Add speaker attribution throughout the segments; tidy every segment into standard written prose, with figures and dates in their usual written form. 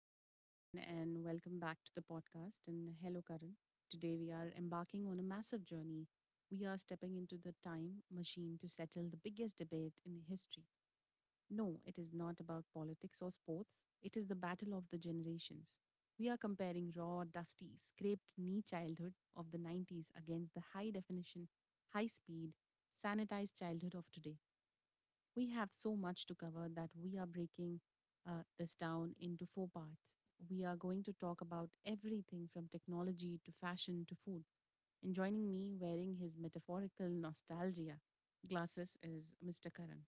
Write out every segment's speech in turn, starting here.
Speaker 1: Hello, everyone, and welcome back to the podcast. And hello, Karan. Today, we are embarking on a massive journey. We are stepping into the time machine to settle the biggest debate in history. No, it is not about politics or sports, it is the battle of the generations. We are comparing raw, dusty, scraped knee childhood of the 90s against the high definition, high speed, sanitized childhood of today. We have so much to cover that we are breaking this down into four parts. We are going to talk about everything from technology to fashion to food. And joining me wearing his metaphorical nostalgia glasses is Mr. Karan.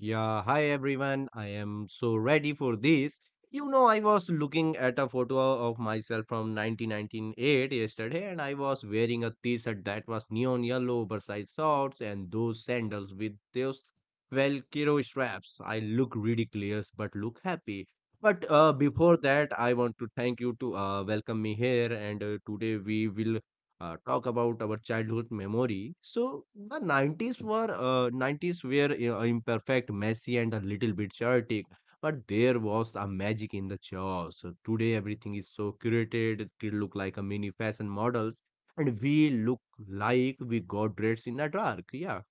Speaker 2: Yeah, hi everyone. I am so ready for this. You know, I was looking at a photo of myself from 1998 yesterday, and I was wearing a t-shirt that was neon yellow, oversized shorts, and those sandals with those Velcro straps. I look ridiculous, but look happy. But before that, I want to thank you to welcome me here, and today we will talk about our childhood memory. So the 90s were imperfect, messy, and a little bit chaotic. But there was a magic in the chaos. So today everything is so curated. It could look like a mini fashion models, and we look like we got dressed in the dark. Yeah,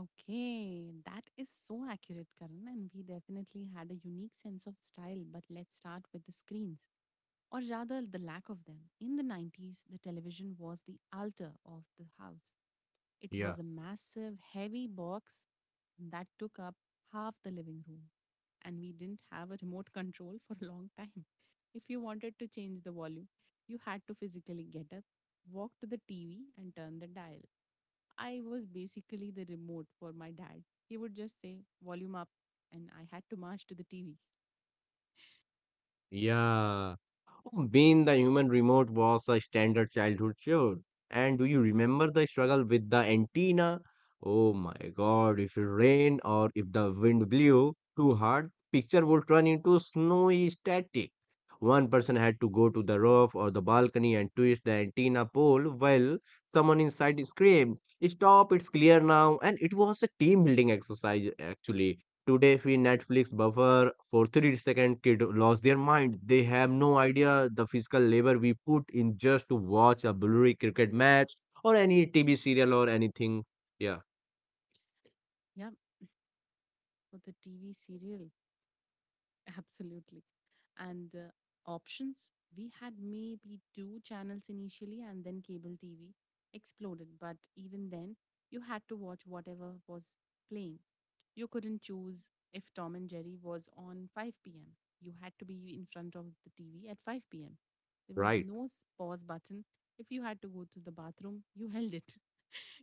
Speaker 1: Okay, that is so accurate, Karan. And we definitely had a unique sense of style, but let's start with the screens or rather the lack of them. In the 90s, the television was the altar of the house. It
Speaker 2: yeah,
Speaker 1: was a massive, heavy box that took up half the living room, and we didn't have a remote control for a long time. If you wanted to change the volume, you had to physically get up, walk to the TV, and turn the dial. I was basically the remote for my dad. He would just say, "Volume up," and I had to march to the TV.
Speaker 2: yeah. Being the human remote was a standard childhood chore. And do you remember the struggle with the antenna? Oh my God, if it rained or if the wind blew too hard, picture would turn into snowy static. One person had to go to the roof or the balcony and twist the antenna pole while someone inside screamed, Stop, it's clear now. And it was a team building exercise actually. Today, if we Netflix buffer for 30 second, kid lost their mind. They have no idea the physical labor we put in just to watch a blurry cricket match or any TV serial or anything. Yeah,
Speaker 1: Yeah, for the TV serial. Absolutely. And options, we had maybe two channels initially, and then cable TV exploded. But even then, you had to watch whatever was playing. You couldn't choose if Tom and Jerry was on 5 p.m. You had to be in front of the TV at 5 p.m. There was
Speaker 2: right.
Speaker 1: no pause button. If you had to go to the bathroom, you held it.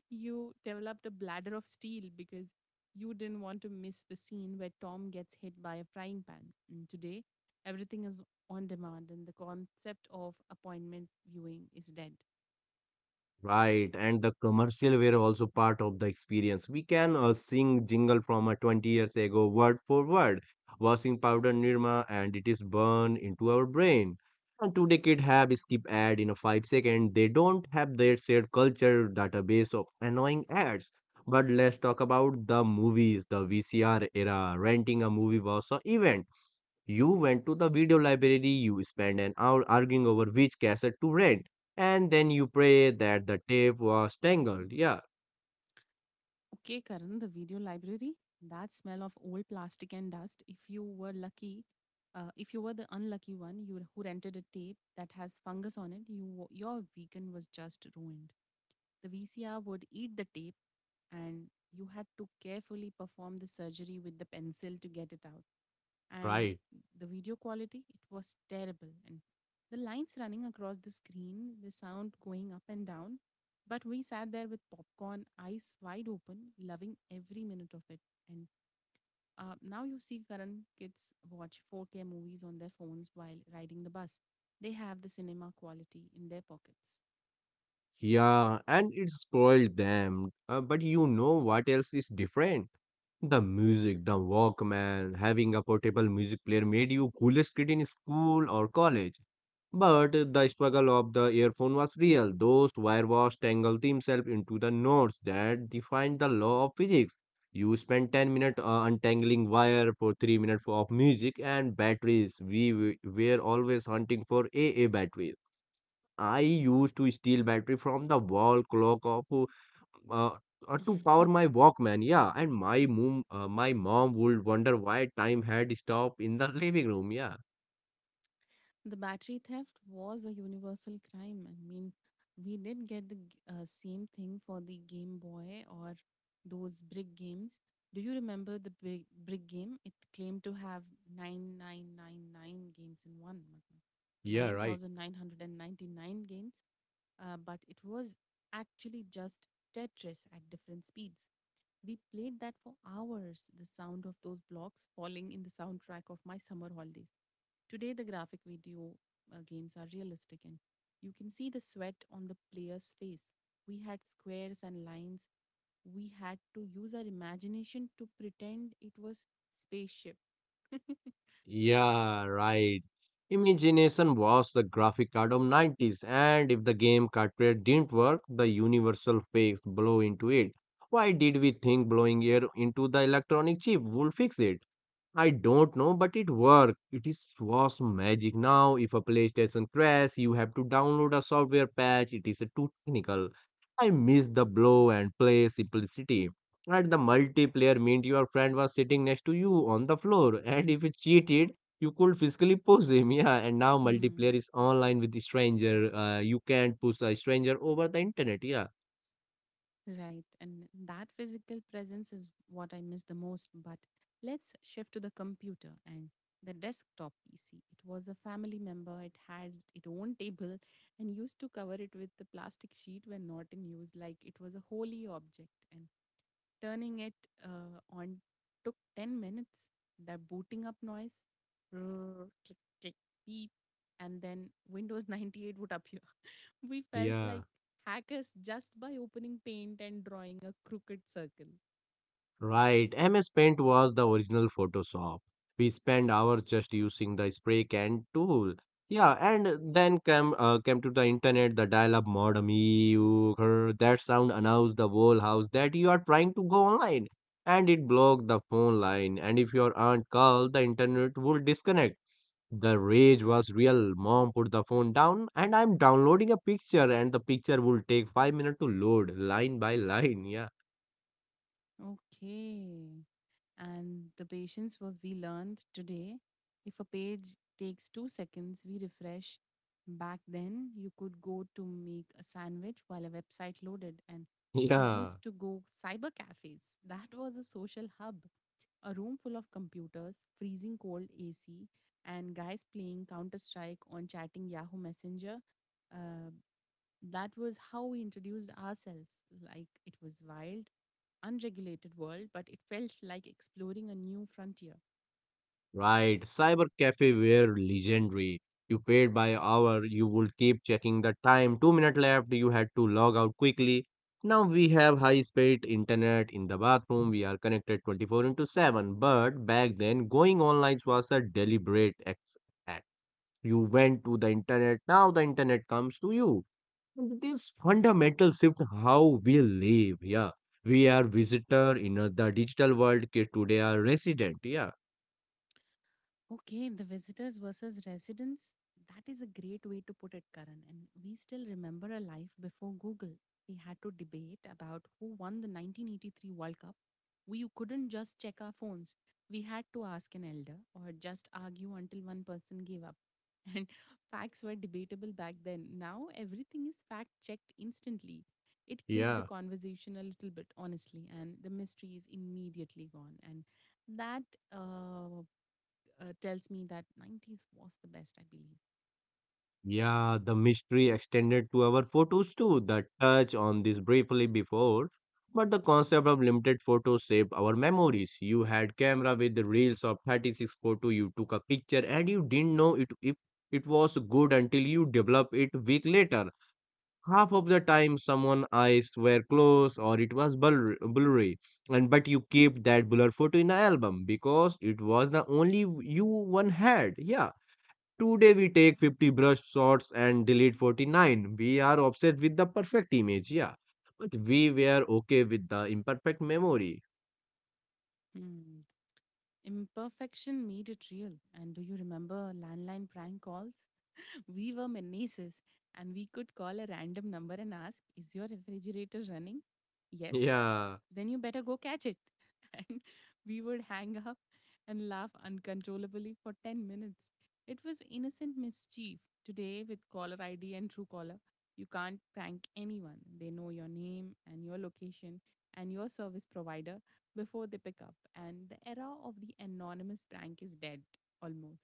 Speaker 1: You developed a bladder of steel because you didn't want to miss the scene where Tom gets hit by a frying pan. And today, everything is on demand, and the concept of appointment viewing is dead.
Speaker 2: Right, and the commercial were also part of the experience. We can sing jingle from 20 years ago, word for word, washing powder Nirma, and it is burned into our brain. And today kid have skip ad in a 5 second. They don't have their shared culture database of annoying ads. But let's talk about the movies, the VCR era. Renting a movie was an event, you went to the video library, you spent an hour arguing over which cassette to rent, and then you pray that the tape was tangled. Yeah,
Speaker 1: Okay, Karan, the video library, that smell of old plastic and dust. If you were the unlucky one you who rented a tape that has fungus on it, your weekend was just ruined. The VCR would eat the tape, and you had to carefully perform the surgery with the pencil to get it out. And
Speaker 2: right.
Speaker 1: the video quality, it was terrible. And the lines running across the screen, the sound going up and down, but we sat there with popcorn, eyes wide open, loving every minute of it. And now you see current kids watch 4K movies on their phones while riding the bus. They have the cinema quality in their pockets.
Speaker 2: Yeah, and it spoiled them. But you know what else is different? The music, the Walkman, having a portable music player made you coolest kid in school or college. But the struggle of the earphone was real. Those wirewash tangled themselves into the knots that defined the law of physics. You spent 10 minutes untangling wire for 3 minutes of music and batteries. We were always hunting for AA batteries. I used to steal battery from the wall clock of uh, to power my Walkman. Yeah, and my mom would wonder why time had stopped in the living room. Yeah,
Speaker 1: The battery theft was a universal crime. I mean, we did get the same thing for the Game Boy or those brick games. Do you remember the brick game? It claimed to have 9999 games in one, matlab
Speaker 2: yeah, right.
Speaker 1: 9999 games, but it was actually just Tetris at different speeds. We played that for hours, the sound of those blocks falling in the soundtrack of my summer holidays. Today, the graphic video games are realistic and you can see the sweat on the player's face. We had squares and lines. We had to use our imagination to pretend it was spaceship.
Speaker 2: Yeah, right. Imagination was the graphic card of 90s, and if the game cartridge didn't work, the universal fakes blow into it. Why did we think blowing air into the electronic chip would fix it? I don't know, but it worked. It is was magic. Now, if a PlayStation crash, you have to download a software patch. It is too technical. I miss the blow and play simplicity. At the multiplayer meant your friend was sitting next to you on the floor, and if you cheated, you could physically push him. Yeah, and now multiplayer is online with the stranger. You can't push a stranger over the internet. Yeah.
Speaker 1: Right. And that physical presence is what I miss the most. But let's shift to the computer and the desktop PC. It was a family member, it had its own table and used to cover it with the plastic sheet when not in use, like it was a holy object. And turning it on took 10 minutes. That booting up noise, click, click, beep. And then Windows 98 would appear. We felt
Speaker 2: Yeah.
Speaker 1: like hackers just by opening paint and drawing a crooked circle.
Speaker 2: Right, MS Paint was the original Photoshop. We spent hours just using the spray can tool. Yeah, and then came to the internet, the dial-up modem. Ew, grr, that sound announced the whole house that you are trying to go online, and it blocked the phone line. And if your aunt called, the internet would disconnect. The rage was real. Mom, put the phone down, and I'm downloading a picture, and the picture will take 5 minutes to load, line by line. Yeah,
Speaker 1: Okay. And the patience what we learned today, if a page takes 2 seconds, we refresh. Back then, you could go to make a sandwich while a website loaded, and we
Speaker 2: yeah.
Speaker 1: used to go cyber cafes. That was a social hub, a room full of computers, freezing cold AC, and guys playing Counter Strike on chatting Yahoo Messenger. Uh, that was how we introduced ourselves. Like it was wild, unregulated world, but it felt like exploring a new frontier.
Speaker 2: Right, cyber cafe were legendary. You paid by hour, you would keep checking the time. 2 minutes left, you had to log out quickly. Now we have high speed internet in the bathroom, we are connected 24 into 7. But back then, going online was a deliberate act. You went to the internet, now the internet comes to you. And this fundamental shift how we live, yeah. We are visitor in the digital world, kids today are resident, yeah,
Speaker 1: Okay, the visitors versus residents. That is a great way to put it, Karan. And we still remember a life before Google. We had to debate about who won the 1983 World Cup. We couldn't just check our phones. We had to ask an elder or just argue until one person gave up. And facts were debatable back then. Now everything is fact checked instantly. It kills the
Speaker 2: yeah.
Speaker 1: conversation a little bit, honestly, and the mystery is immediately gone. And that uh, tells me that 90s was the best, I believe.
Speaker 2: Yeah, the mystery extended to our photos too, the touch on this briefly before. But the concept of limited photos saved our memories. You had camera with the reels of 36 photo, you took a picture and you didn't know it if it was good until you develop it week later. Half of the time someone eyes were closed or it was blurry. And but you kept that blur photo in an album because it was the only you one had. Yeah. Today we take 50 brush shots and delete 49. We are obsessed with the perfect image, yeah. But we were okay with the imperfect memory.
Speaker 1: Mm. Imperfection made it real. And do you remember landline prank calls? We were menaces and we could call a random number and ask, "Is your refrigerator running?" "Yes."
Speaker 2: Yeah.
Speaker 1: "Then you better go catch it." And we would hang up and laugh uncontrollably for 10 minutes. It was innocent mischief. Today, with caller ID and true caller, you can't prank anyone. They know your name and your location and your service provider before they pick up. And the era of the anonymous prank is dead almost.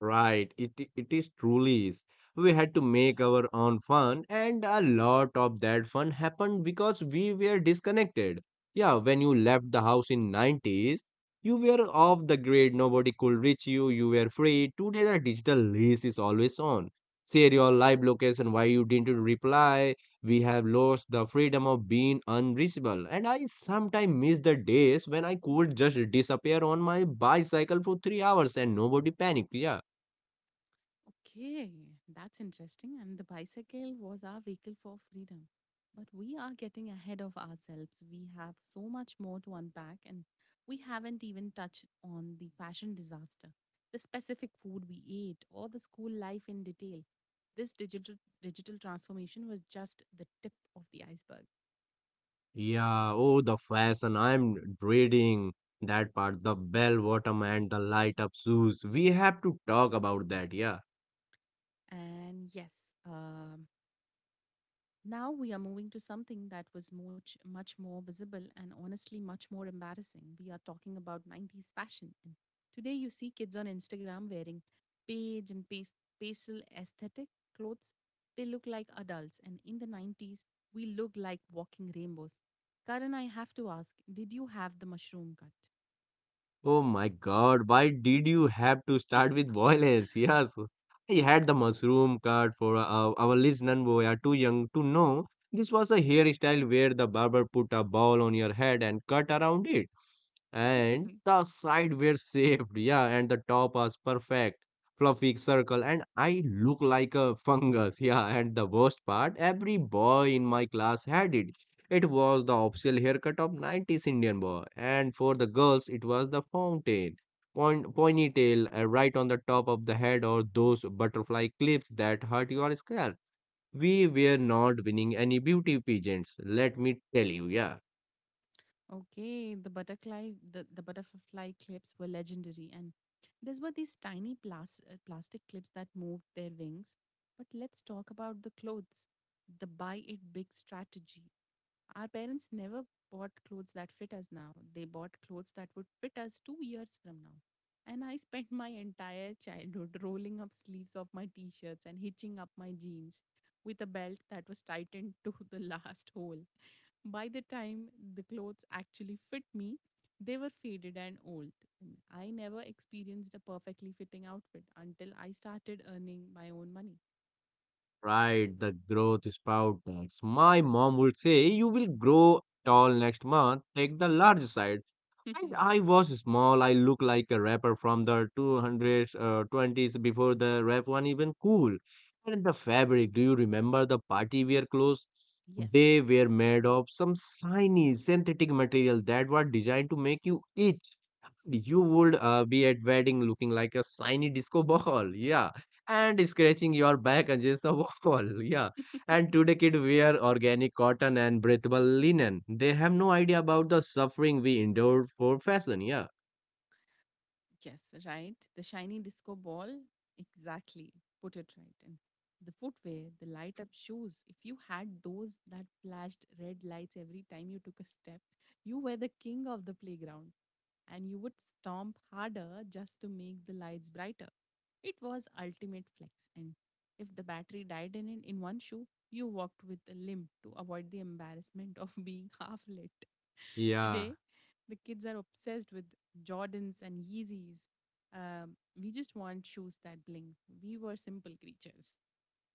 Speaker 2: Right, it is truly is. We had to make our own fun, and a lot of that fun happened because we were disconnected. Yeah, when you left the house in 90s, you were off the grid, nobody could reach you, you were free. Today, the digital race is always on. Share your live location, why you didn't reply. We have lost the freedom of being unreachable, and I sometimes miss the days when I could just disappear on my bicycle for 3 hours and nobody panicked. Yeah.
Speaker 1: Okay, that's interesting. And the bicycle was our vehicle for freedom. But we are getting ahead of ourselves. We have so much more to unpack, and we haven't even touched on the fashion disaster, the specific food we ate, or the school life in detail. This digital transformation was just the tip of the iceberg.
Speaker 2: Yeah, oh, the fashion. I'm dreading that part. The bell bottom and the light up shoes. We have to talk about that. Yeah.
Speaker 1: And yes, um now we are moving to something that was much, much more visible and honestly much more embarrassing. We are talking about 90s fashion. And today you see kids on Instagram wearing beige and pastel aesthetic clothes. They look like adults. And in the 90s, we look like walking rainbows. Karan, I have to ask, did you have the mushroom cut?
Speaker 2: Oh my God, why did you have to start with violence? Yes, I had the mushroom cut for our listeners who are too young to know. This was a hairstyle where the barber put a ball on your head and cut around it. And the side were shaved, yeah, and the top was perfect, fluffy circle, and I look like a fungus, yeah. And the worst part, every boy in my class had it. It was the official haircut of 90s Indian boy, and for the girls, it was the fountain, point, ponytail right on the top of the head, or those butterfly clips that hurt your scalp. We were not winning any beauty pageants, let me tell you, yeah.
Speaker 1: Okay, the butterfly clips were legendary, and these tiny plastic clips that moved their wings. But let's talk about the clothes, the buy it big strategy. Our parents never bought clothes that fit us now. They bought clothes that would fit us 2 years from now. And I spent my entire childhood rolling up sleeves of my t shirts and hitching up my jeans with a belt that was tightened to the last hole. By the time the clothes actually fit me, they were faded and old. And I never experienced a perfectly fitting outfit until I started earning my own money.
Speaker 2: Right, the growth spout tax. My mom would say, You will grow tall next month, take the large side. And I was small. I looked like a rapper from the 20s before the rap one even cool. And the fabric, do you remember the party wear clothes?
Speaker 1: Yes.
Speaker 2: They were made of some shiny synthetic material that were designed to make you itch. You would be at wedding looking like a shiny disco ball, yeah, and scratching your back against the wall, yeah. And today kids wear organic cotton and breathable linen. They have no idea about the suffering we endured for fashion, yeah.
Speaker 1: Yes, right. The shiny disco ball. Exactly. Put it right. And the footwear, the light up shoes. If you had those that flashed red lights every time you took a step, you were the king of the playground and you would stomp harder just to make the lights brighter. It was ultimate flex, and if the battery died in one shoe, you walked with a limp to avoid the embarrassment of being half lit.
Speaker 2: Yeah.
Speaker 1: Today, the kids are obsessed with Jordans and Yeezys. We just want shoes that blink. We were simple creatures.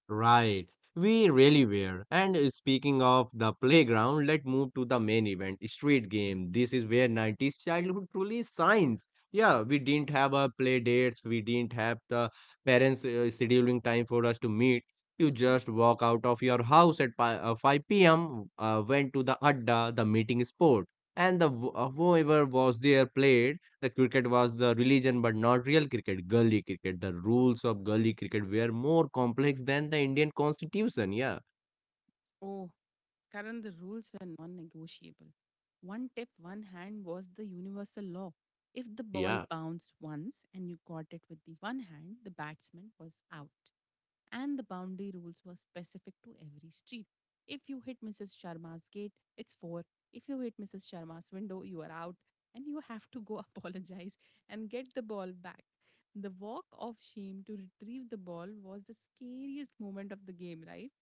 Speaker 2: Right, we really were. And speaking of the playground, let's move to the main event, street game. This is where 90s childhood truly shines. Yeah, we didn't have a play dates, we didn't have the parents scheduling time for us to meet. You just walk out of your house at 5 p.m., went to the adda, the meeting spot, and the whoever was there played. The cricket was the religion, but not real cricket. Gully cricket. The rules of gully cricket were more complex than the Indian constitution. Yeah,
Speaker 1: Oh, Karan, the rules were non negotiable. One tip, one hand was the universal law. If the ball
Speaker 2: yeah.
Speaker 1: bounced once and you caught it with the one hand, the batsman was out. And the boundary rules were specific to every street. If you hit Mrs. Sharma's gate, it's four. If you hit Mrs. Sharma's window, you are out and you have to go apologize and get the ball back. The walk of shame to retrieve the ball was the scariest moment of the game, right?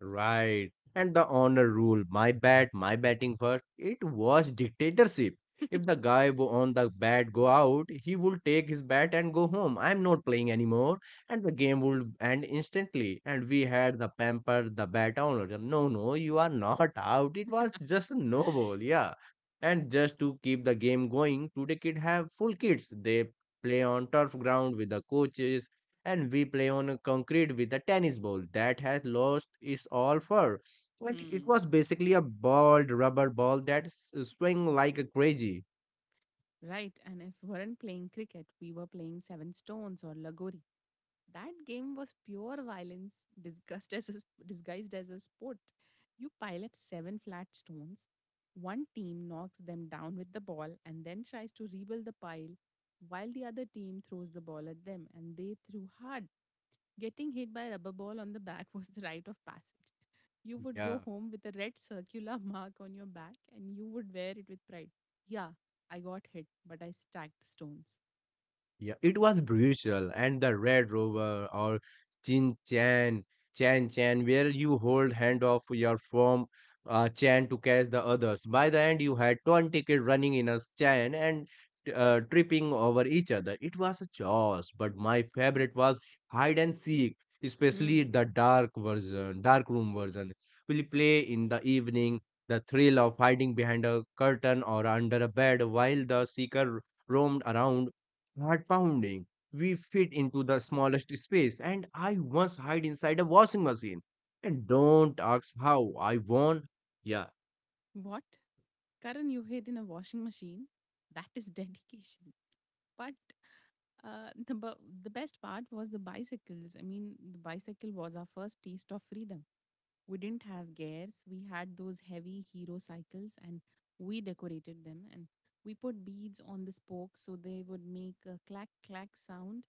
Speaker 2: Right. And the honor rule, my bat, my batting first, it was dictatorship. If the guy on the bat go out, he would take his bat and go home. I'm not playing anymore. And the game would end instantly. And we had the pamper, the bat owner. No, no, you are not out. It was just a no ball, yeah. And just to keep the game going, today kid have full kits. They play on turf ground with the coaches and we play on a concrete with a tennis ball that has lost its all fur. Like it
Speaker 1: Hmm.
Speaker 2: was basically a bald rubber ball that swing like a crazy.
Speaker 1: Right. And if we weren't playing cricket, we were playing Seven Stones or Lagori. That game was pure violence disguised as a sport. You pile up seven flat stones. One team knocks them down with the ball and then tries to rebuild the pile while the other team throws the ball at them and they threw hard. Getting hit by a rubber ball on the back was the rite of passage. You would
Speaker 2: Yeah.
Speaker 1: go home with a red circular mark on your back and you would wear it with pride. Yeah, I got hit, but I stacked the stones.
Speaker 2: Yeah, it was brutal. And the Red Rover or Chin Chan, Chan Chan, where you hold hand of your firm Chan to catch the others. By the end, you had 20 kids running in a Chan and tripping over each other. It was a chaos, but my favorite was hide and seek, especially
Speaker 1: Hmm.
Speaker 2: the dark version, dark room version. We play in the evening. The thrill of hiding behind a curtain or under a bed while the seeker roamed around heart pounding. We fit into the smallest space, and I once hide inside a washing machine. And don't ask how I won. Yeah,
Speaker 1: What? Karan, you hid in a washing machine? That is dedication. But the best part was the bicycles. I mean, the bicycle was our first taste of freedom. We didn't have gears. We had those heavy hero cycles and we decorated them and we put beads on the spokes so they would make a clack clack sound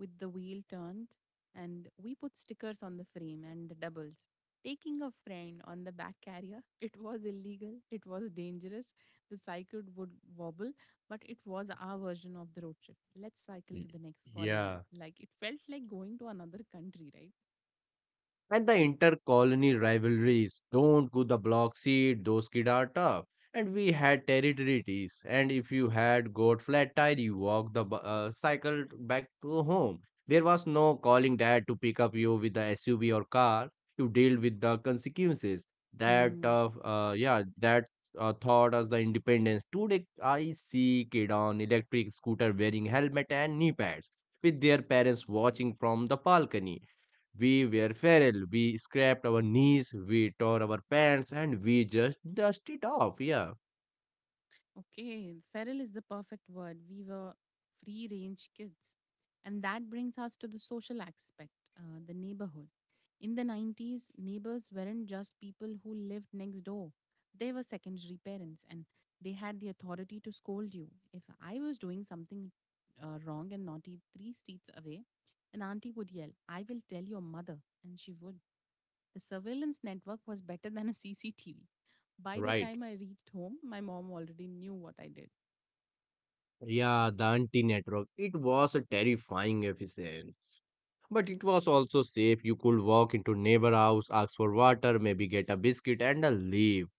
Speaker 1: with the wheel turned and we put stickers on the frame and the doubles. Taking a friend on the back carrier, it was illegal, it was dangerous, the cycle would wobble, but it was our version of the road trip. Let's cycle
Speaker 2: Y-
Speaker 1: to the next colony.
Speaker 2: Yeah.
Speaker 1: Like it felt like going to another country,
Speaker 2: And the inter-colony rivalries. Don't go the block seat, those kids are tough. And we had territories. And if you had got flat tire, you walked the cycle back to home. There was no calling dad to pick up you with the SUV or car. You deal with the consequences. That
Speaker 1: right?
Speaker 2: uh, uh yeah, that uh, thought as the independence. Today I see kid on electric scooter wearing helmet and knee pads with their parents watching from the balcony, we were feral. We scraped our knees, we tore our pants, and we just dust it off. Yeah,
Speaker 1: Okay, feral is the perfect word. We were free range kids. And that brings us to the social aspect, the neighborhood. In the 90s, neighbors weren't just people who lived next door, they were secondary parents and they had the authority to scold you. If I was doing something wrong and naughty three streets away, an auntie would yell, I will tell your mother. And she would. The surveillance network was better than a CCTV. By the
Speaker 2: right.
Speaker 1: time I reached home, my mom already knew what I did.
Speaker 2: Yeah, the anti network. It was a terrifying efficiency. But it was also safe. You could walk into neighbor house, ask for water, maybe get a biscuit and a leave.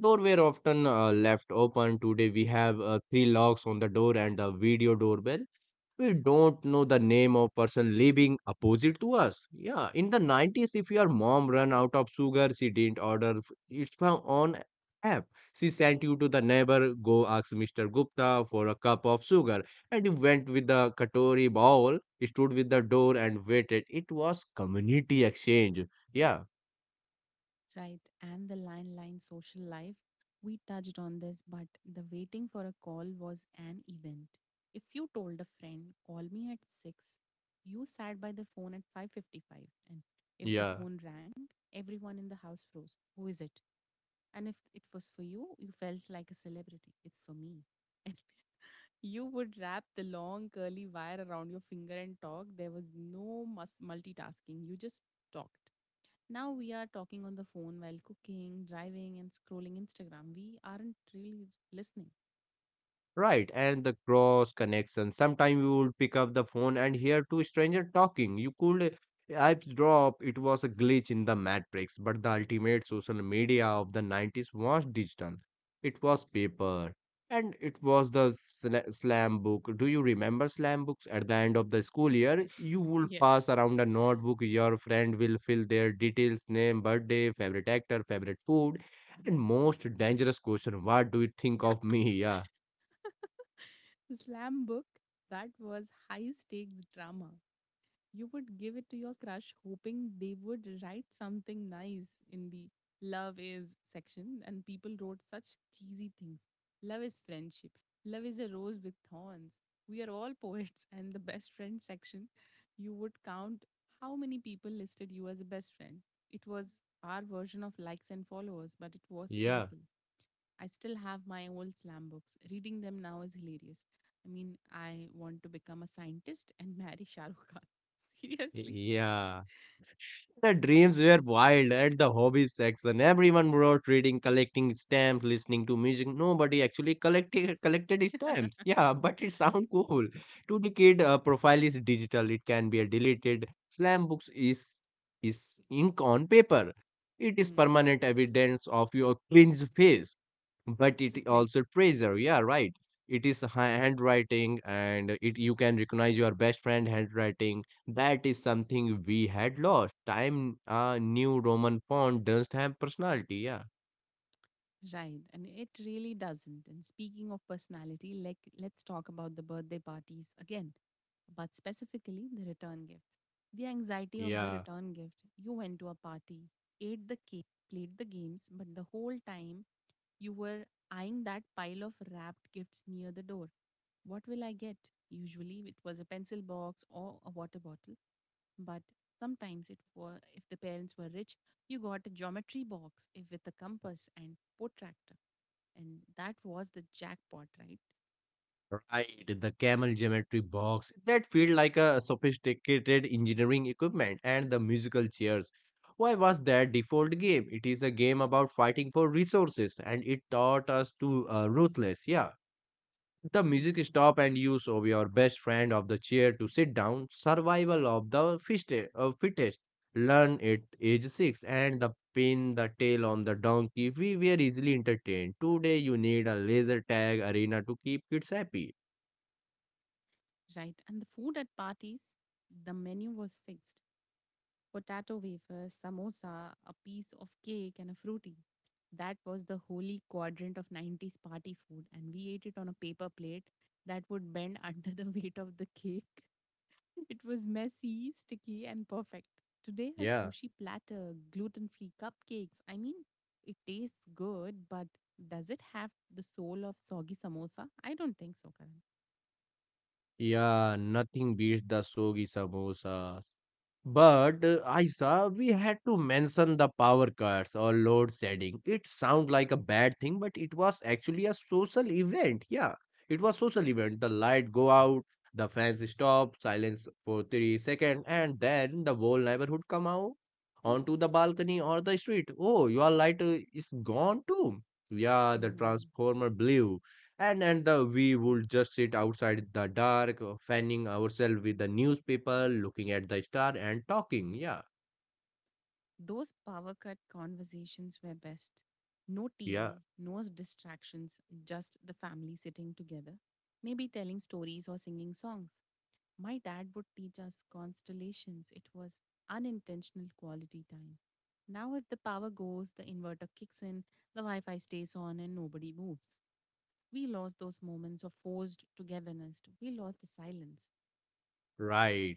Speaker 2: Door were often left open. Today we have three locks on the door and a video doorbell. We don't know the name of person living opposite to us. Yeah, in the 90s, if your mom ran out of sugar, she didn't order it from on app. She sent you to the neighbor. Go ask Mr. Gupta for a cup of sugar. And you went with the katori bowl, stood with the door and waited. It was community exchange. Yeah,
Speaker 1: Right, and the landline social life. We touched on this, but the waiting for a call was an event. If you told a friend, "Call me at 6," you sat by the phone at 5:55, and if the
Speaker 2: yeah.
Speaker 1: phone rang, everyone in the house froze. Who is it? And if it was for you, you felt like a celebrity. It's for me. And you would wrap the long curly wire around your finger and talk. There was no multitasking. You just talked. Now we are talking on the phone while cooking, driving, and scrolling Instagram. We aren't really listening.
Speaker 2: Right, and the cross connection. Sometime you would pick up the phone and hear two strangers talking. You could apps drop. It was a glitch in the matrix, but the ultimate social media of the 90s was digital. It was paper. And it was the slam book. Do you remember slam books? At the end of the school year, you would
Speaker 1: Yes.
Speaker 2: pass around a notebook. Your friend will fill their details: name, birthday, favorite actor, favorite food, and most dangerous question. What do you think of me? Yeah.
Speaker 1: Slam book, that was high stakes drama. You would give it to your crush hoping they would write something nice in the love is section, and people wrote such cheesy things. Love is friendship. Love is a rose with thorns. We are all poets. And the best friend section, you would count how many people listed you as a best friend. It was our version of likes and followers, but it was
Speaker 2: Yeah,
Speaker 1: physical. I still have my old slam books. Reading them now is hilarious. I mean, I want to become a scientist and marry Shah Rukh Khan. Seriously.
Speaker 2: y- yeah. The dreams were wild at the hobbies section. Everyone wrote reading, collecting stamps, listening to music. Nobody actually collected stamps. Yeah, but it sound cool. To the kid, profile is digital. It can be deleted. Slam books is ink on paper. It is
Speaker 1: Hmm.
Speaker 2: permanent evidence of your cringe face. But it
Speaker 1: Right.
Speaker 2: also treasure. Yeah, right. It is handwriting, and it you can recognize your best friend handwriting. That is something we had lost. Time, new Roman font doesn't have personality. Yeah,
Speaker 1: Right, and it really doesn't. And speaking of personality, like let's talk about the birthday parties again, but specifically the return gifts. The anxiety of the
Speaker 2: yeah,
Speaker 1: return gift. You went to a party, ate the cake, played the games, but the whole time you were eyeing that pile of wrapped gifts near the door. What will I get? Usually it was a pencil box or a water bottle, but sometimes it were, if the parents were rich, you got a geometry box if with a compass and protractor. And that was the jackpot, right?
Speaker 2: right. The camel geometry box that feel like a sophisticated engineering equipment, and the musical chairs. Why was that default game? It is a game about fighting for resources, and it taught us to ruthless. Yeah. The music
Speaker 1: Mm.
Speaker 2: stop and use of your best friend of the chair to sit down. Survival of the fittest. Fittest. Learn at age six and the pin the tail on the donkey. We were easily entertained. Today you need a laser tag arena to keep kids happy.
Speaker 1: Right. And the food at parties, the menu was fixed. Potato wafers, samosa, a piece of cake, and a fruity. That was the holy quadrant of 90s party food. And we ate it on a paper plate that would bend under the weight of the cake. It was messy, sticky, and perfect. Today, a
Speaker 2: Yeah.
Speaker 1: sushi platter, gluten free cupcakes. I mean, it tastes good, but does it have the soul of soggy samosa? I don't think so, Karan.
Speaker 2: Yeah, nothing beats the Sogi samosas. But Aisa, we had to mention the power cuts or load shedding. It sounds like a bad thing, but it was actually a social event. Yeah, it was social event. The light go out, the fans stop, silence for 3 seconds, and then the whole neighborhood come out onto the balcony or the street. Oh, your light is gone too. Yeah, the
Speaker 1: Hmm.
Speaker 2: transformer blew, and the we would just sit outside the dark fanning ourselves with the newspaper, looking at the star and talking. Yeah,
Speaker 1: Those power cut conversations were best. No
Speaker 2: yeah,
Speaker 1: TV, no distractions, just the family sitting together, maybe telling stories or singing songs. My dad would teach us constellations. It was unintentional quality time. Now, if the power goes, the inverter kicks in, the Wi Fi stays on, and nobody moves. We lost those moments of forced togetherness. We lost the silence.
Speaker 2: right.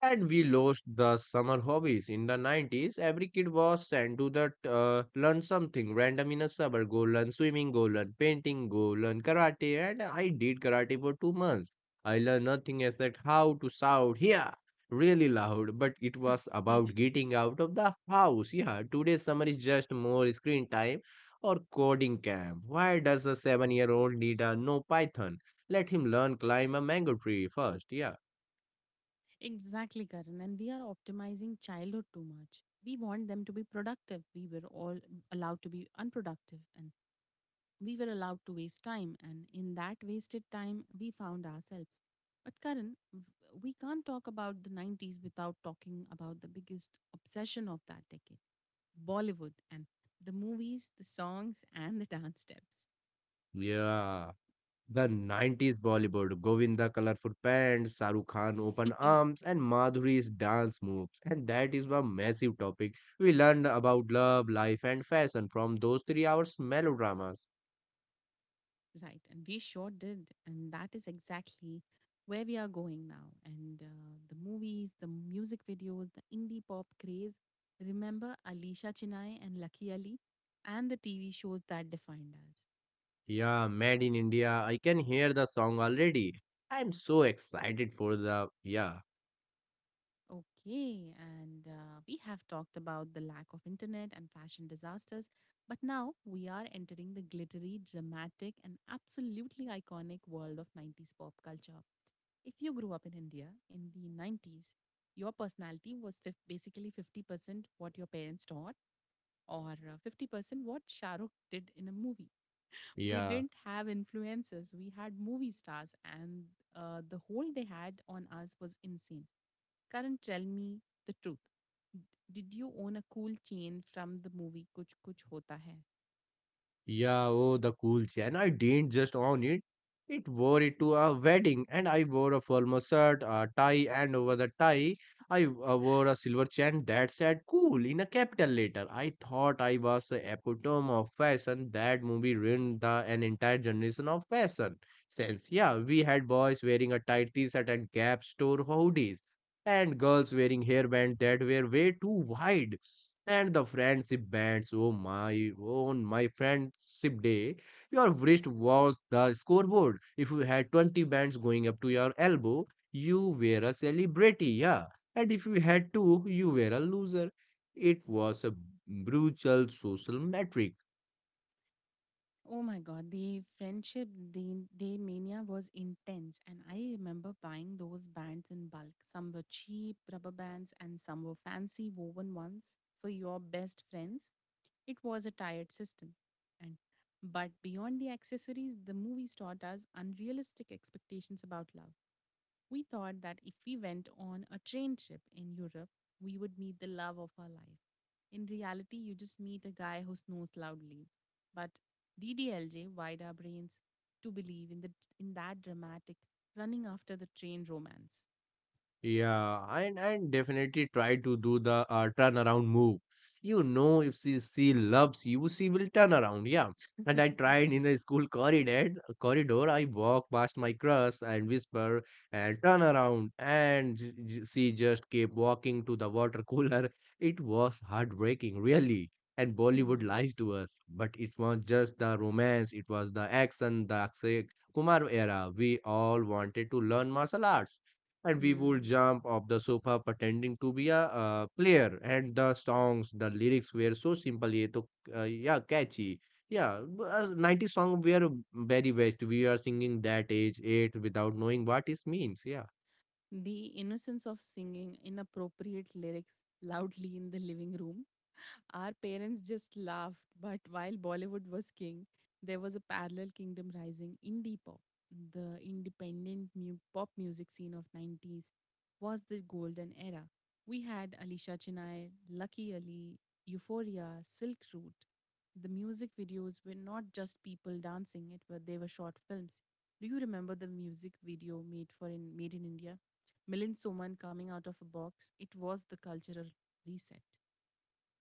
Speaker 2: And we lost the summer hobbies. In the 90s, every kid was sent to the learn something random in a suburb. Go learn swimming, go learn painting, go learn karate. And I did karate for 2 months. I learned nothing except how to shout here really loud, but it was about getting out of the house. Yeah, today's summer is just more screen time or coding camp. Why does a 7 year old need a no Python? Let him learn climb a mango tree first. Yeah.
Speaker 1: Exactly, Karan. And we are optimizing childhood too much. We want them to be productive. We were all allowed to be unproductive and we were allowed to waste time. And in that wasted time, we found ourselves. But, Karan, we can't talk about the 90s without talking about the biggest obsession of that decade, Bollywood, and the movies, the songs, and the dance steps.
Speaker 2: Yeah. The 90s Bollywood, Govinda colorful pants, Saruk Khan open arms, and Madhuri's dance moves. And that is a massive topic. We learned about love, life, and fashion from those 3 hours melodramas.
Speaker 1: Right. And we sure did. And that is exactly where we are going now. And the movies, the music videos, the indie pop craze. Remember Alisha Chinay and Lucky Ali and the TV shows that defined us.
Speaker 2: Yeah, Made in India. I can hear the song already. I'm so excited for the. Yeah,
Speaker 1: Okay, and we have talked about the lack of internet and fashion disasters, but now we are entering the glittery, dramatic, and absolutely iconic world of 90s pop culture. If you grew up in India in the 90s, your personality was basically 50% what your parents taught, or 50% what Shah Rukh did in a movie. We
Speaker 2: yeah.
Speaker 1: didn't have influencers, we had movie stars, and the hold they had on us was insane. Karan, tell me the truth. D- Did you own a cool chain from the movie Kuch Kuch Hota Hai?
Speaker 2: Yeah, oh, the cool chain. I didn't just own it. It wore it to a wedding, and I wore a formal shirt, a tie, and over the tie, I wore a silver chain that said cool in a capital letter. I thought I was the epitome of fashion. That movie ruined the, an entire generation of fashion sense. Yeah, we had boys wearing a tight t shirt and gap store hoodies, and girls wearing hairband that were way too wide and the friendship bands. Oh my, oh, on my friendship day, your wrist was the scoreboard. If you had 20 bands going up to your elbow, you were a celebrity, yeah. And if you had two, you were a loser. It was a brutal social metric.
Speaker 1: Oh my god, the friendship day, day mania was intense, and I remember buying those bands in bulk. Some were cheap rubber bands, and some were fancy woven ones for your best friends. It was a tired system, and but beyond the accessories, the movies taught us unrealistic expectations about love. We thought that if we went on a train trip in Europe, we would meet the love of our life. In reality, you just meet a guy who snores loudly. But DDLJ wired our brains to believe in the in that dramatic running after the train romance.
Speaker 2: Yeah, and definitely try to do the turnaround move. You know, if she loves you, she will turn around. Yeah, and I tried in the school corridor. Corridor, I walk past my crush and whisper and turn around, and she just kept walking to the water cooler. It was heartbreaking, really. And Bollywood
Speaker 1: Hmm.
Speaker 2: lies to us, but it was just the romance. It was the action, the Akshay Kumar era. We all wanted to learn martial arts and we would
Speaker 1: Hmm.
Speaker 2: jump off the sofa pretending to be a player and the songs the lyrics were so simple yet yeah catchy yeah 90 song were very best we are singing that age 8 without knowing what it means yeah.
Speaker 1: The innocence of singing inappropriate lyrics loudly in the living room. Our parents just laughed, but while Bollywood was king, there was a parallel kingdom rising indie pop. The independent pop music scene of 90s was the golden era. We had Alisha Chennai, Lucky Ali, Euphoria, Silk Route. The music videos were not just people dancing; it were they were short films. Do you remember the music video made for in Made in India? Milind Soman coming out of a box. It was the cultural reset.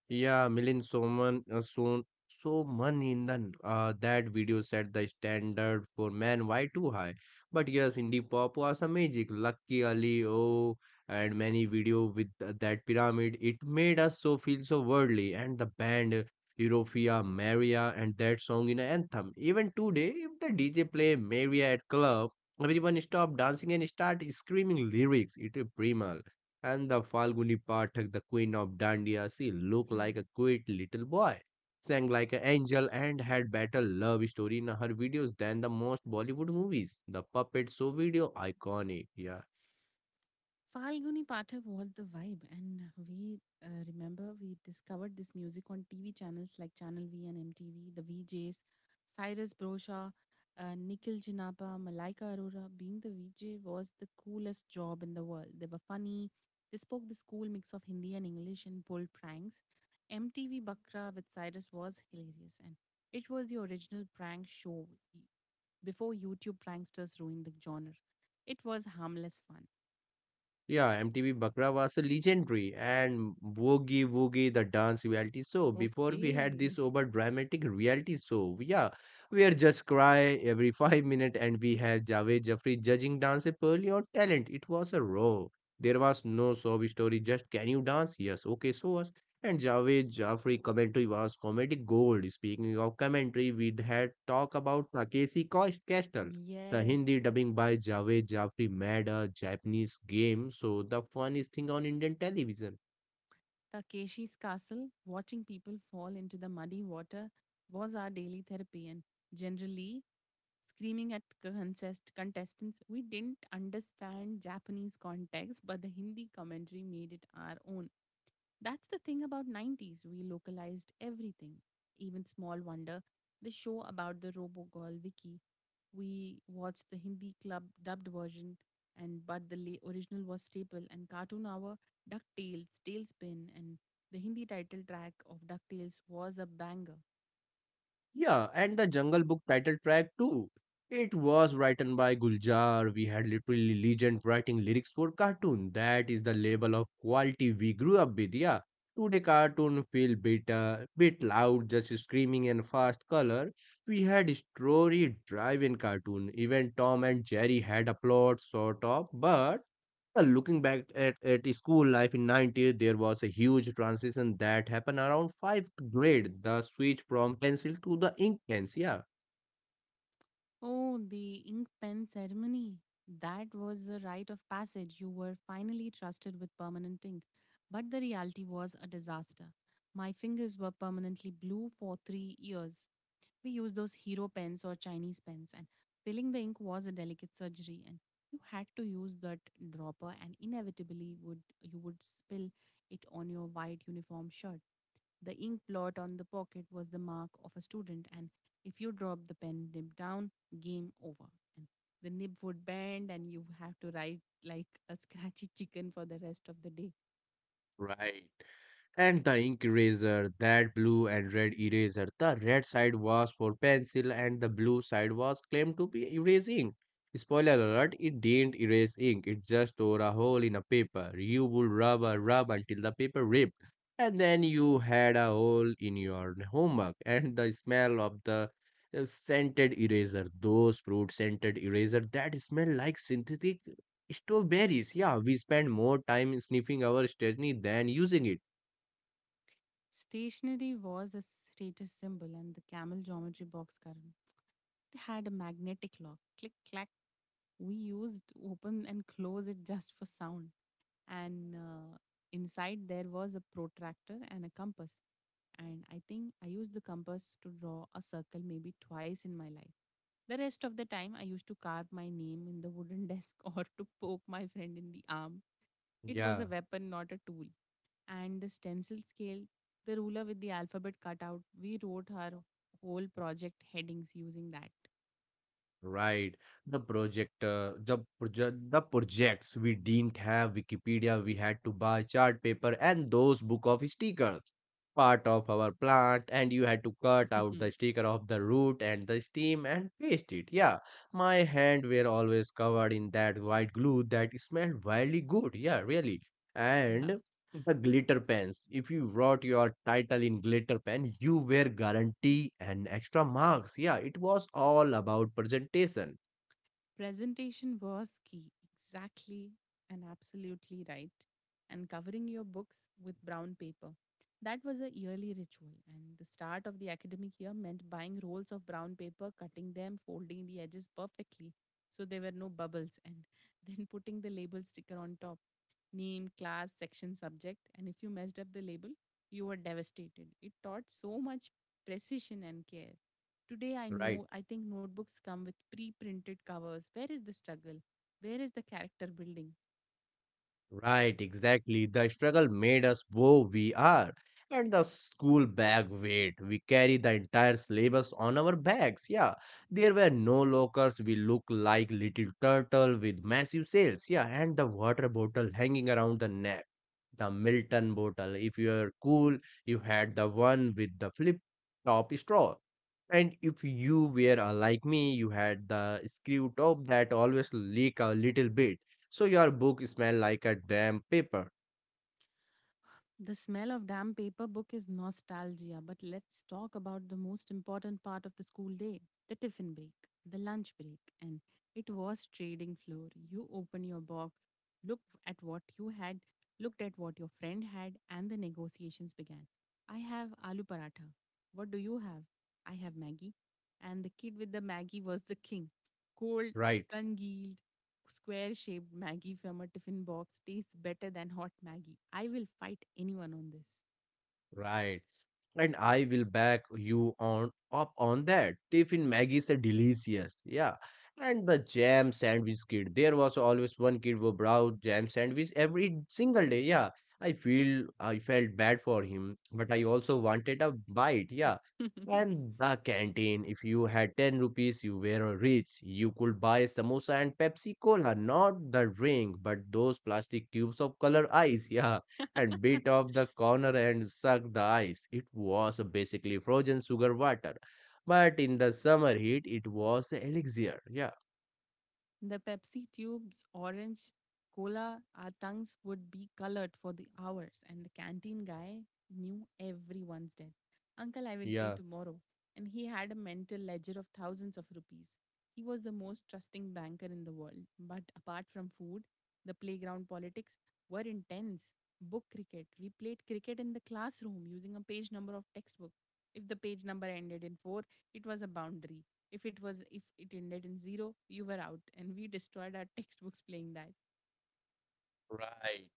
Speaker 2: Yeah, Milind Soman Somanithan, that video set the standard for man. Why too high? But yes, indie pop was a magic. Lucky Ali, oh, and many video with that pyramid. It made us so feel so worldly. And the band Europia, Maria, and that song in anthem. Even today, if the DJ play Maria at club, everyone stop dancing and start screaming lyrics. It is primal and the Falguni Pathak, the queen of Dandiya, she looked like a cute little boy, sang like an angel, and had better love story in her videos than the most Bollywood movies. The puppet show video, iconic, yeah.
Speaker 1: Falguni Pathak was the vibe, and we remember we discovered this music on TV channels like Channel V and MTV, the VJs, Cyrus Brosha, Nikhil Jinapa, Malaika Arora. Being the VJ was the coolest job in the world. They were funny, they spoke this cool mix of Hindi and English and pulled pranks. MTV Bakra with Cyrus was hilarious, and it was the original prank show y- before YouTube pranksters ruined the genre. It was harmless fun.
Speaker 2: Yeah, MTV Bakra was a legendary and Woogie Woogie, the dance reality show. Before we had
Speaker 1: Okay.
Speaker 2: this over dramatic reality show, yeah, we are just cry every 5 minutes and we have Javed Jaffri judging dance purely on talent. It was a raw. There was no sob story, just can you dance? Yes, okay, so us. And Javed Jaffri commentary was comedic gold. Speaking of commentary, we had talk about Takeshi Castle. The
Speaker 1: Yes.
Speaker 2: Hindi dubbing by Javed Jafri made a Japanese game, so the funniest thing on Indian television.
Speaker 1: Takeshi's castle, watching people fall into the muddy water, was our daily therapy. And generally, screaming at contestants, we didn't understand Japanese context, but the Hindi commentary made it our own. That's the thing about 90s. We localized everything. Even Small Wonder, the show about the robo girl Vicky. We watched the Hindi club dubbed version, and but the original was staple. And Cartoon Hour, DuckTales, Tailspin, and the Hindi title track of DuckTales was a banger.
Speaker 2: Yeah, and the Jungle Book title track too. It was written by Guljar. We had literally legend writing lyrics for cartoon. That is the level of quality we grew up with. Yeah, today cartoon feel bit bit loud, just screaming and fast color. We had story driven cartoon. Even Tom and Jerry had a plot sort of, but well, looking back at school life in 90s, there was a huge transition that happened around 5th grade, the switch from pencil to the ink pens. Yeah,
Speaker 1: Oh, the ink pen ceremony. That was a rite of passage. You were finally trusted with permanent ink. But the reality was a disaster. My fingers were permanently blue for 3 years. We used those hero pens or Chinese pens, and filling the ink was a delicate surgery. And you had to use that dropper, and inevitably would you would spill it on your white uniform shirt. The ink blot on the pocket was the mark of a student, and if you dropped the pen nib down, game over. And the nib would bend, and you have to write like a scratchy chicken for the rest of the day.
Speaker 2: right. And the ink eraser, that blue and red eraser. The red side was for pencil and the blue side was claimed to be erasing. Spoiler alert, it didn't erase ink, it just tore a hole in a paper. You would rub a rub until the paper ripped. And then you had a hole in your homework and the smell of the scented eraser, those fruit scented eraser that smell like synthetic strawberries, yeah, we spend more time sniffing our stationery than using it.
Speaker 1: Stationery was a status symbol, and the camel geometry box current it had a magnetic lock. Click, clack. We used open and close it just for sound. And inside there was a protractor and a compass. And I think I used the compass to draw a circle maybe twice in my life. The rest of the time, I used to carve my name in the wooden desk or to poke my friend in the arm. It was a
Speaker 2: Yeah,
Speaker 1: weapon, not a tool. And the stencil scale, the ruler with the alphabet cut out, we wrote our whole project headings using that.
Speaker 2: right. The projects we didn't have Wikipedia. We had to buy chart paper and those book of stickers. Part of our plant, and you had to cut out the sticker of the root and the stem and paste it. Yeah, my hand were always covered in that white glue that smelled wildly good. Yeah, really.
Speaker 1: Yeah.
Speaker 2: And the glitter pens. If you wrote your title in glitter pen, you were guarantee and extra marks. Yeah, it was all about presentation,
Speaker 1: Presentation was key. Exactly, and absolutely right. And covering your books with brown paper. That was a yearly ritual, and the start of the academic year meant buying rolls of brown paper, cutting them, folding the edges perfectly so there were no bubbles, and then putting the label sticker on top, name, class, section, subject. And if you messed up the label, you were devastated. It taught so much precision and care. Today, I
Speaker 2: right?
Speaker 1: know, I think notebooks come with pre printed covers. Where is the struggle? Where is the character building?
Speaker 2: Right, exactly. The struggle made us who we are. And the school bag weight, we carry the entire syllabus on our backs. Yeah, there were no lockers. We look like little turtle with massive sails. Yeah, and the water bottle hanging around the neck. The Milton bottle. If you are cool, you had the one with the flip top straw. And if you were like me, you had the screw top that always leak a little bit so your book smell like a damn paper,
Speaker 1: The smell of damp paper book is nostalgia, but let's talk about the most important part of the school day, the tiffin break, the lunch break. And it was trading floor. You open your box, look at what you had, looked at what your friend had, and the negotiations began. I have aloo paratha. What do you have? I have Maggie. And the kid with the Maggie was the king. Cold,
Speaker 2: right?
Speaker 1: congealed, square shaped Maggie from a tiffin box tastes better than hot Maggie. I will fight anyone
Speaker 2: Right, and I will back you on up on that. Tiffin Maggie is a delicious, yeah. And the jam sandwich kid. There was always one kid who brought jam sandwich every single day. Yeah, I felt bad for him, but I also wanted a bite. Yeah.
Speaker 1: on this.
Speaker 2: And the canteen, if you had 10 rupees, you were rich. You could buy samosa and Pepsi Cola, not the drink, but those plastic tubes of color ice. Yeah and bit off the corner and sucked the ice. It was basically frozen sugar water, but in the summer heat, it was elixir. Yeah,
Speaker 1: The Pepsi tubes, orange, cola, our tongues would be colored for the hours, and the canteen guy knew everyone's debt. Uncle, I will pay
Speaker 2: yeah.
Speaker 1: tomorrow. And he had a mental ledger of thousands of rupees. He was the most trusting banker in the world. But apart from food, the playground politics were intense. Book cricket. We played cricket in the classroom using a page number of textbook. If the page number ended in 4, it was a boundary. If it ended in zero, you were out, and we destroyed our textbooks playing that.
Speaker 2: Right.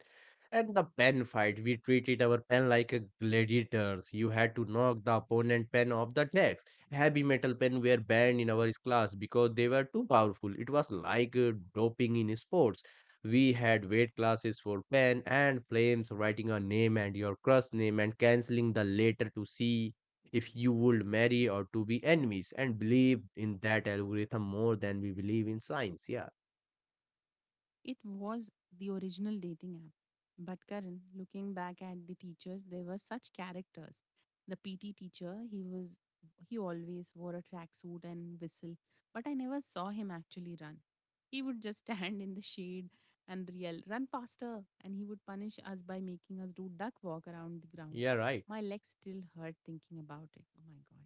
Speaker 2: And the pen fight, we treated our pen like a gladiators. You had to knock the opponent pen off the decks. Heavy metal pen were banned in our class because they were too powerful. It was like doping in sports. We had weight classes for pen and flames, writing a name and your crush name and canceling the later to see if you would marry or to be enemies and believe in that algorithm more than we believe in science. Yeah.
Speaker 1: It was the original dating app. But Karan, looking back at the teachers, they were such characters. The PT teacher, he always wore a tracksuit and whistle, but I never saw him actually run. He would just stand in the shade and yell, "Run faster!" And he would punish us by making us do duck walk around the ground.
Speaker 2: Yeah, right.
Speaker 1: My legs still hurt thinking about it. Oh my god.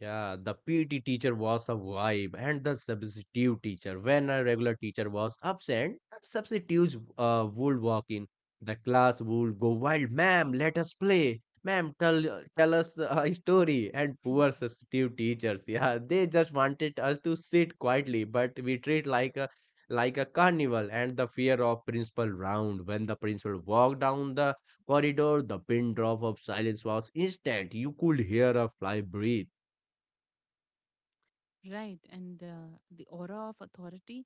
Speaker 2: Yeah, the PT teacher was a vibe, and the substitute teacher. When a regular teacher was absent, the substitutes would walk in. The class would go wild. Ma'am, let us play. Ma'am, tell us a story. And poor substitute teachers, yeah, they just wanted us to sit quietly, but we treat like a carnival. And the fear of principal round. When the principal walked down the corridor, the pin drop of silence was instant. You could hear a fly breathe.
Speaker 1: Right. And the aura of authority.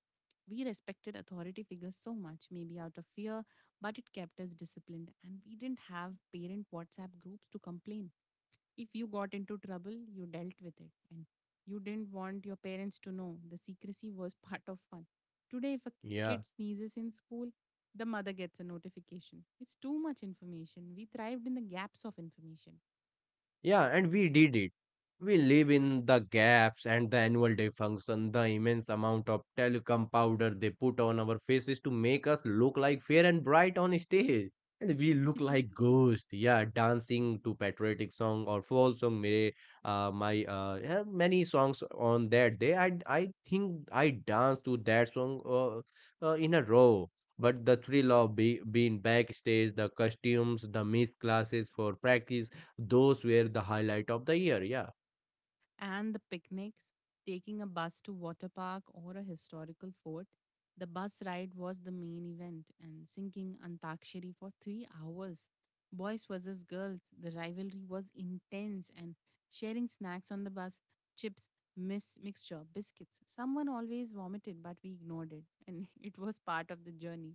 Speaker 1: We respected authority figures so much, maybe out of fear, but it kept us disciplined. And we didn't have parent WhatsApp groups to complain. If you got into trouble, you dealt with it. And you didn't want your parents to know. The secrecy was part of fun. Today, if a
Speaker 2: Yeah,
Speaker 1: kid sneezes in school, the mother gets a notification. It's too much information. We thrived in the gaps of information.
Speaker 2: yeah, and we did it. We live in the gaps and the annual day function, the immense amount of talcum powder they put on our faces to make us look like fair and bright on stage. And we look like ghosts, yeah, dancing to patriotic song or folk song. Mere, my yeah, many songs on that day. I think I danced to that song in a row. But the thrill of being backstage, the costumes, the missed classes for practice. Those were the highlight of the year, yeah.
Speaker 1: And the picnics, taking a bus to water park or a historical fort. The bus ride was the main event, and sinking Antakshari for 3 hours. Boys versus girls, the rivalry was intense, and sharing snacks on the bus, chips, mixture, biscuits. Someone always vomited, but we ignored it, and it was part of the journey.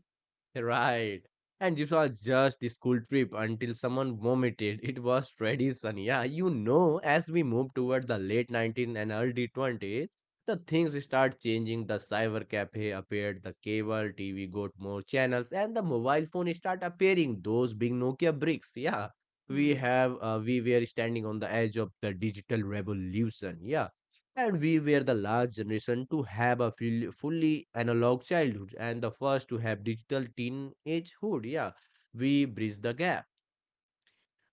Speaker 2: Right. And it was just the school trip until someone vomited. It was tradition, yeah. You know, as we move toward the late 19th and early 20s, the things start changing. The cyber cafe appeared, the cable TV got more channels, and the mobile phone start appearing. Those big Nokia bricks, yeah.
Speaker 1: Hmm.
Speaker 2: We were standing on the edge of the digital revolution, yeah. And we were the last generation to have a fully analog childhood and the first to have digital teenagehood. Yeah, we bridged the gap.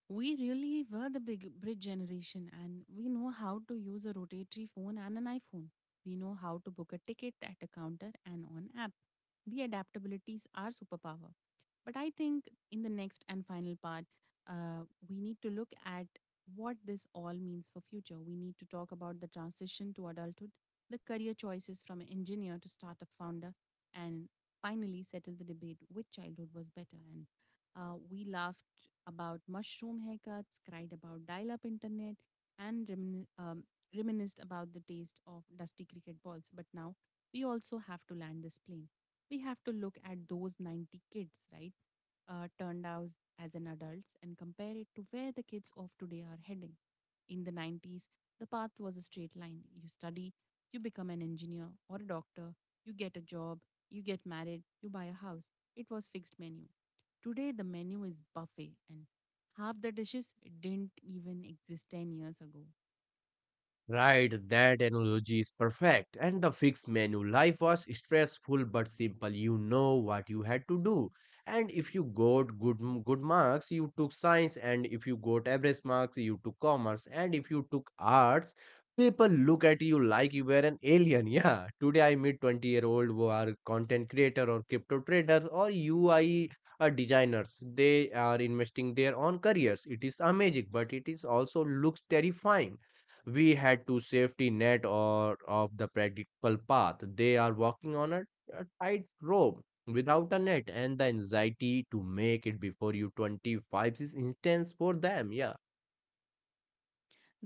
Speaker 1: We really were the big bridge generation, and we know how to use a rotatory phone and an iPhone. We know how to book a ticket at a counter and on app. The adaptabilities are superpower. But I think in the next and final part, uh, we need to look at what this all means for future. We need to talk about the transition to adulthood, the career choices from an engineer to startup founder, and finally settle the debate which childhood was better. And we laughed about mushroom haircuts, cried about dial-up internet, and reminisced about the taste of dusty cricket balls. But now we also have to land this plane. We have to look at those 90 kids, right? Turned out as an adults and compare it to where the kids of today are heading. In the 90s, the path was a straight line. You study, you become an engineer or a doctor, you get a job, you get married, you buy a house. It was fixed menu. Today the menu is buffet and half the dishes didn't even exist 10 years ago.
Speaker 2: Right, that analogy is perfect. And the fixed menu life was stressful but simple. You know what you had to do. And if you got good marks, you took science, and if you got average marks, you took commerce, and if you took arts, people look at you like you were an alien. Yeah. Today I meet 20-year-old who are content creator or crypto trader or UI designers. They are investing their own careers. It is amazing, but it is also looks terrifying. We had to safety net or of the practical path they are walking on a tight rope without a net, and the anxiety to make it before you 25 is intense for them, yeah,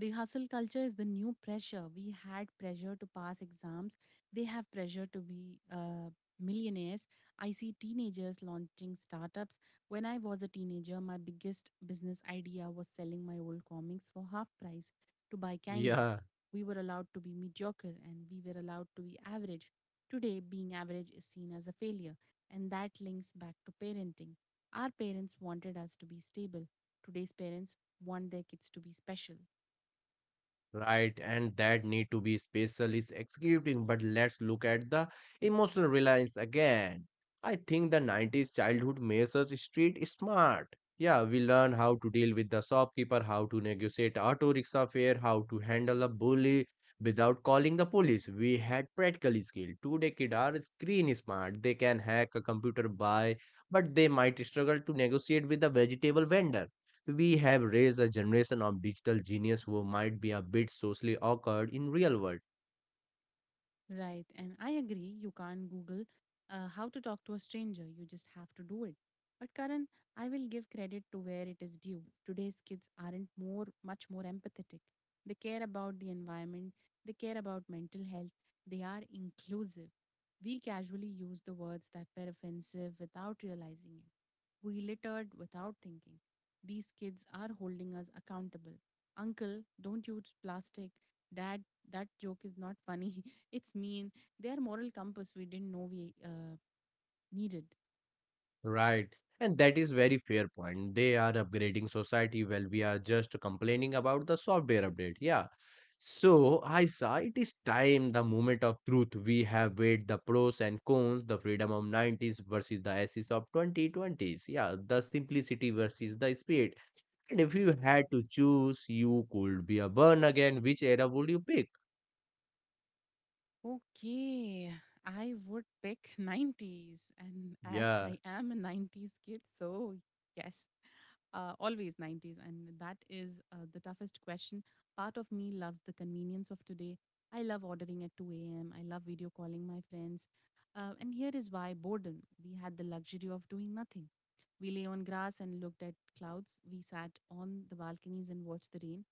Speaker 1: The hustle culture is the new pressure. We had pressure to pass exams. They have pressure to be millionaires. I see teenagers launching startups. When I was a teenager, my biggest business idea was selling my old comics for half price to buy candy.
Speaker 2: yeah.
Speaker 1: We were allowed to be mediocre and we were allowed to be average. Today, being average is seen as a failure, and that links back to parenting. Our parents wanted us to be stable. Today's parents want their kids to be special.
Speaker 2: Right, and that need to be special is executing, but let's look at the emotional reliance again. I think the 90s childhood makes us street smart. Yeah, we learn how to deal with the shopkeeper, how to negotiate auto rickshaw fare, how to handle a bully without calling the police. We had practical skill. Today kids are screen smart. They can hack a computer by, but they might struggle to negotiate with a vegetable vendor. We have raised a generation of digital genius who might be a bit socially awkward in real world.
Speaker 1: Right. And I agree, you can't Google how to talk to a stranger. You just have to do it. But Karan, I will give credit to where it is due. Today's kids aren't more much more empathetic. They care about the environment, they care about mental health, they are inclusive. We casually use the words that were offensive without realizing it. We littered without thinking. These kids are holding us accountable. Uncle, don't use plastic. Dad, that joke is not funny. It's mean. Their moral compass we didn't know we needed.
Speaker 2: Right. And that is very fair point. They are upgrading society while we are just complaining about the software update. Yeah. So I it is time the moment of truth. We have weighed the pros and cons, the freedom of 90s versus the ashes of 2020s. Yeah, the simplicity versus the speed. And if you had to choose, you could be a born again. Which era would you pick?
Speaker 1: Okay, I would pick 90s. And as
Speaker 2: Yeah.
Speaker 1: I am a 90s kid, so yes, always 90s. And that is the toughest question. Part of me loves the convenience of today. I love ordering at 2 a.m., I love video calling my friends. And here is why boredom. We had the luxury of doing nothing. We lay on grass and looked at clouds. We sat on the balconies and watched the rain.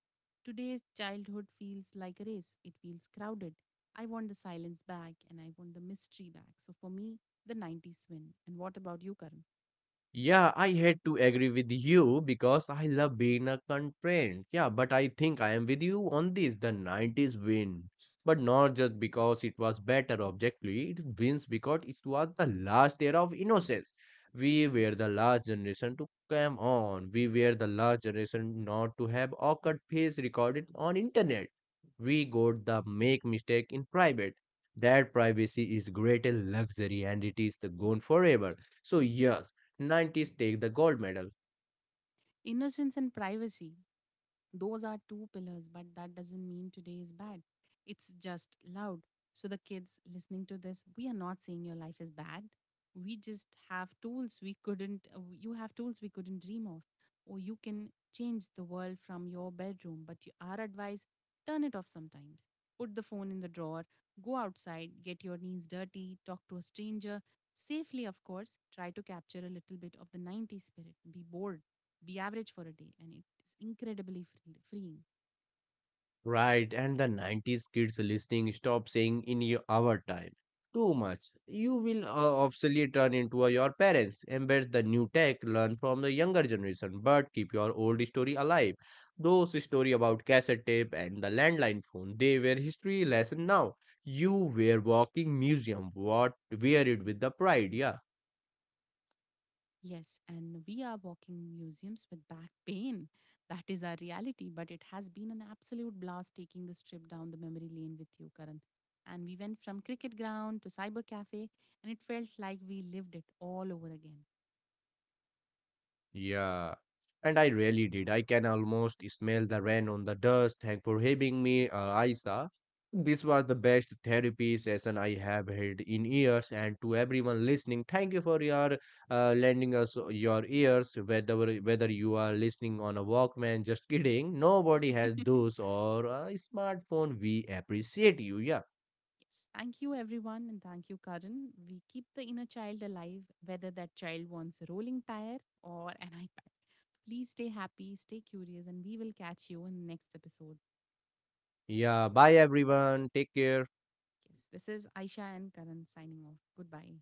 Speaker 1: Today's childhood feels like a race. It feels crowded. I want the silence back and I want the mystery back. So for me, the 90s win. And what about you, Karan?
Speaker 2: Yeah, I had to agree with you because I love being a constraint. Yeah, but I think I am with you on this. The 90s win. But not just because it was better objectively, it wins because it was the last era of innocence. We were the last generation to come on. We were the last generation not to have awkward face recorded on internet. We got the make mistake in private. That privacy is greater luxury and it is the gone forever. So yes, 90s take the gold medal.
Speaker 1: Innocence and privacy, those are two pillars, but that doesn't mean today is bad. It's just loud. So, the kids listening to this, we are not saying your life is bad. We just have tools we couldn't, you have tools we couldn't dream of. Or you can change the world from your bedroom, but our advice turn it off sometimes. Put the phone in the drawer, go outside, get your knees dirty, talk to a stranger. Safely, of course, try to capture a little bit of the 90s spirit. Be bored be average for a day, and it's incredibly freeing.
Speaker 2: Right, and the 90s kids listening stop saying in your, our time. Too much. You will obviously turn into a- your parents. Embed the new tech, learn from the younger generation, but keep your old story alive. Those story about cassette tape and the landline phone, they were history lesson now. You were walking museum. What wear it with the pride, yeah.
Speaker 1: Yes, and we are walking museums with back pain. That is our reality, but it has been an absolute blast taking this trip down the memory lane with you, Karan. And we went from cricket ground to cyber cafe, and it felt like we lived it all over again.
Speaker 2: Yeah. And I really did. I can almost smell the rain on the dust. Thank for having me, Isa. This was the best therapy session I have had in years. And to everyone listening, thank you for your lending us your ears. Whether you are listening on a Walkman, just kidding. Nobody has those or a smartphone. We appreciate you. Yeah.
Speaker 1: Yes. Thank you, everyone, and thank you, Karan. We keep the inner child alive, whether that child wants a rolling tire or an iPad. Please stay happy, stay curious, and we will catch you in the next episode.
Speaker 2: Yeah. Bye, everyone. Take care.
Speaker 1: Yes, this is Aisha and Karan signing off. Goodbye.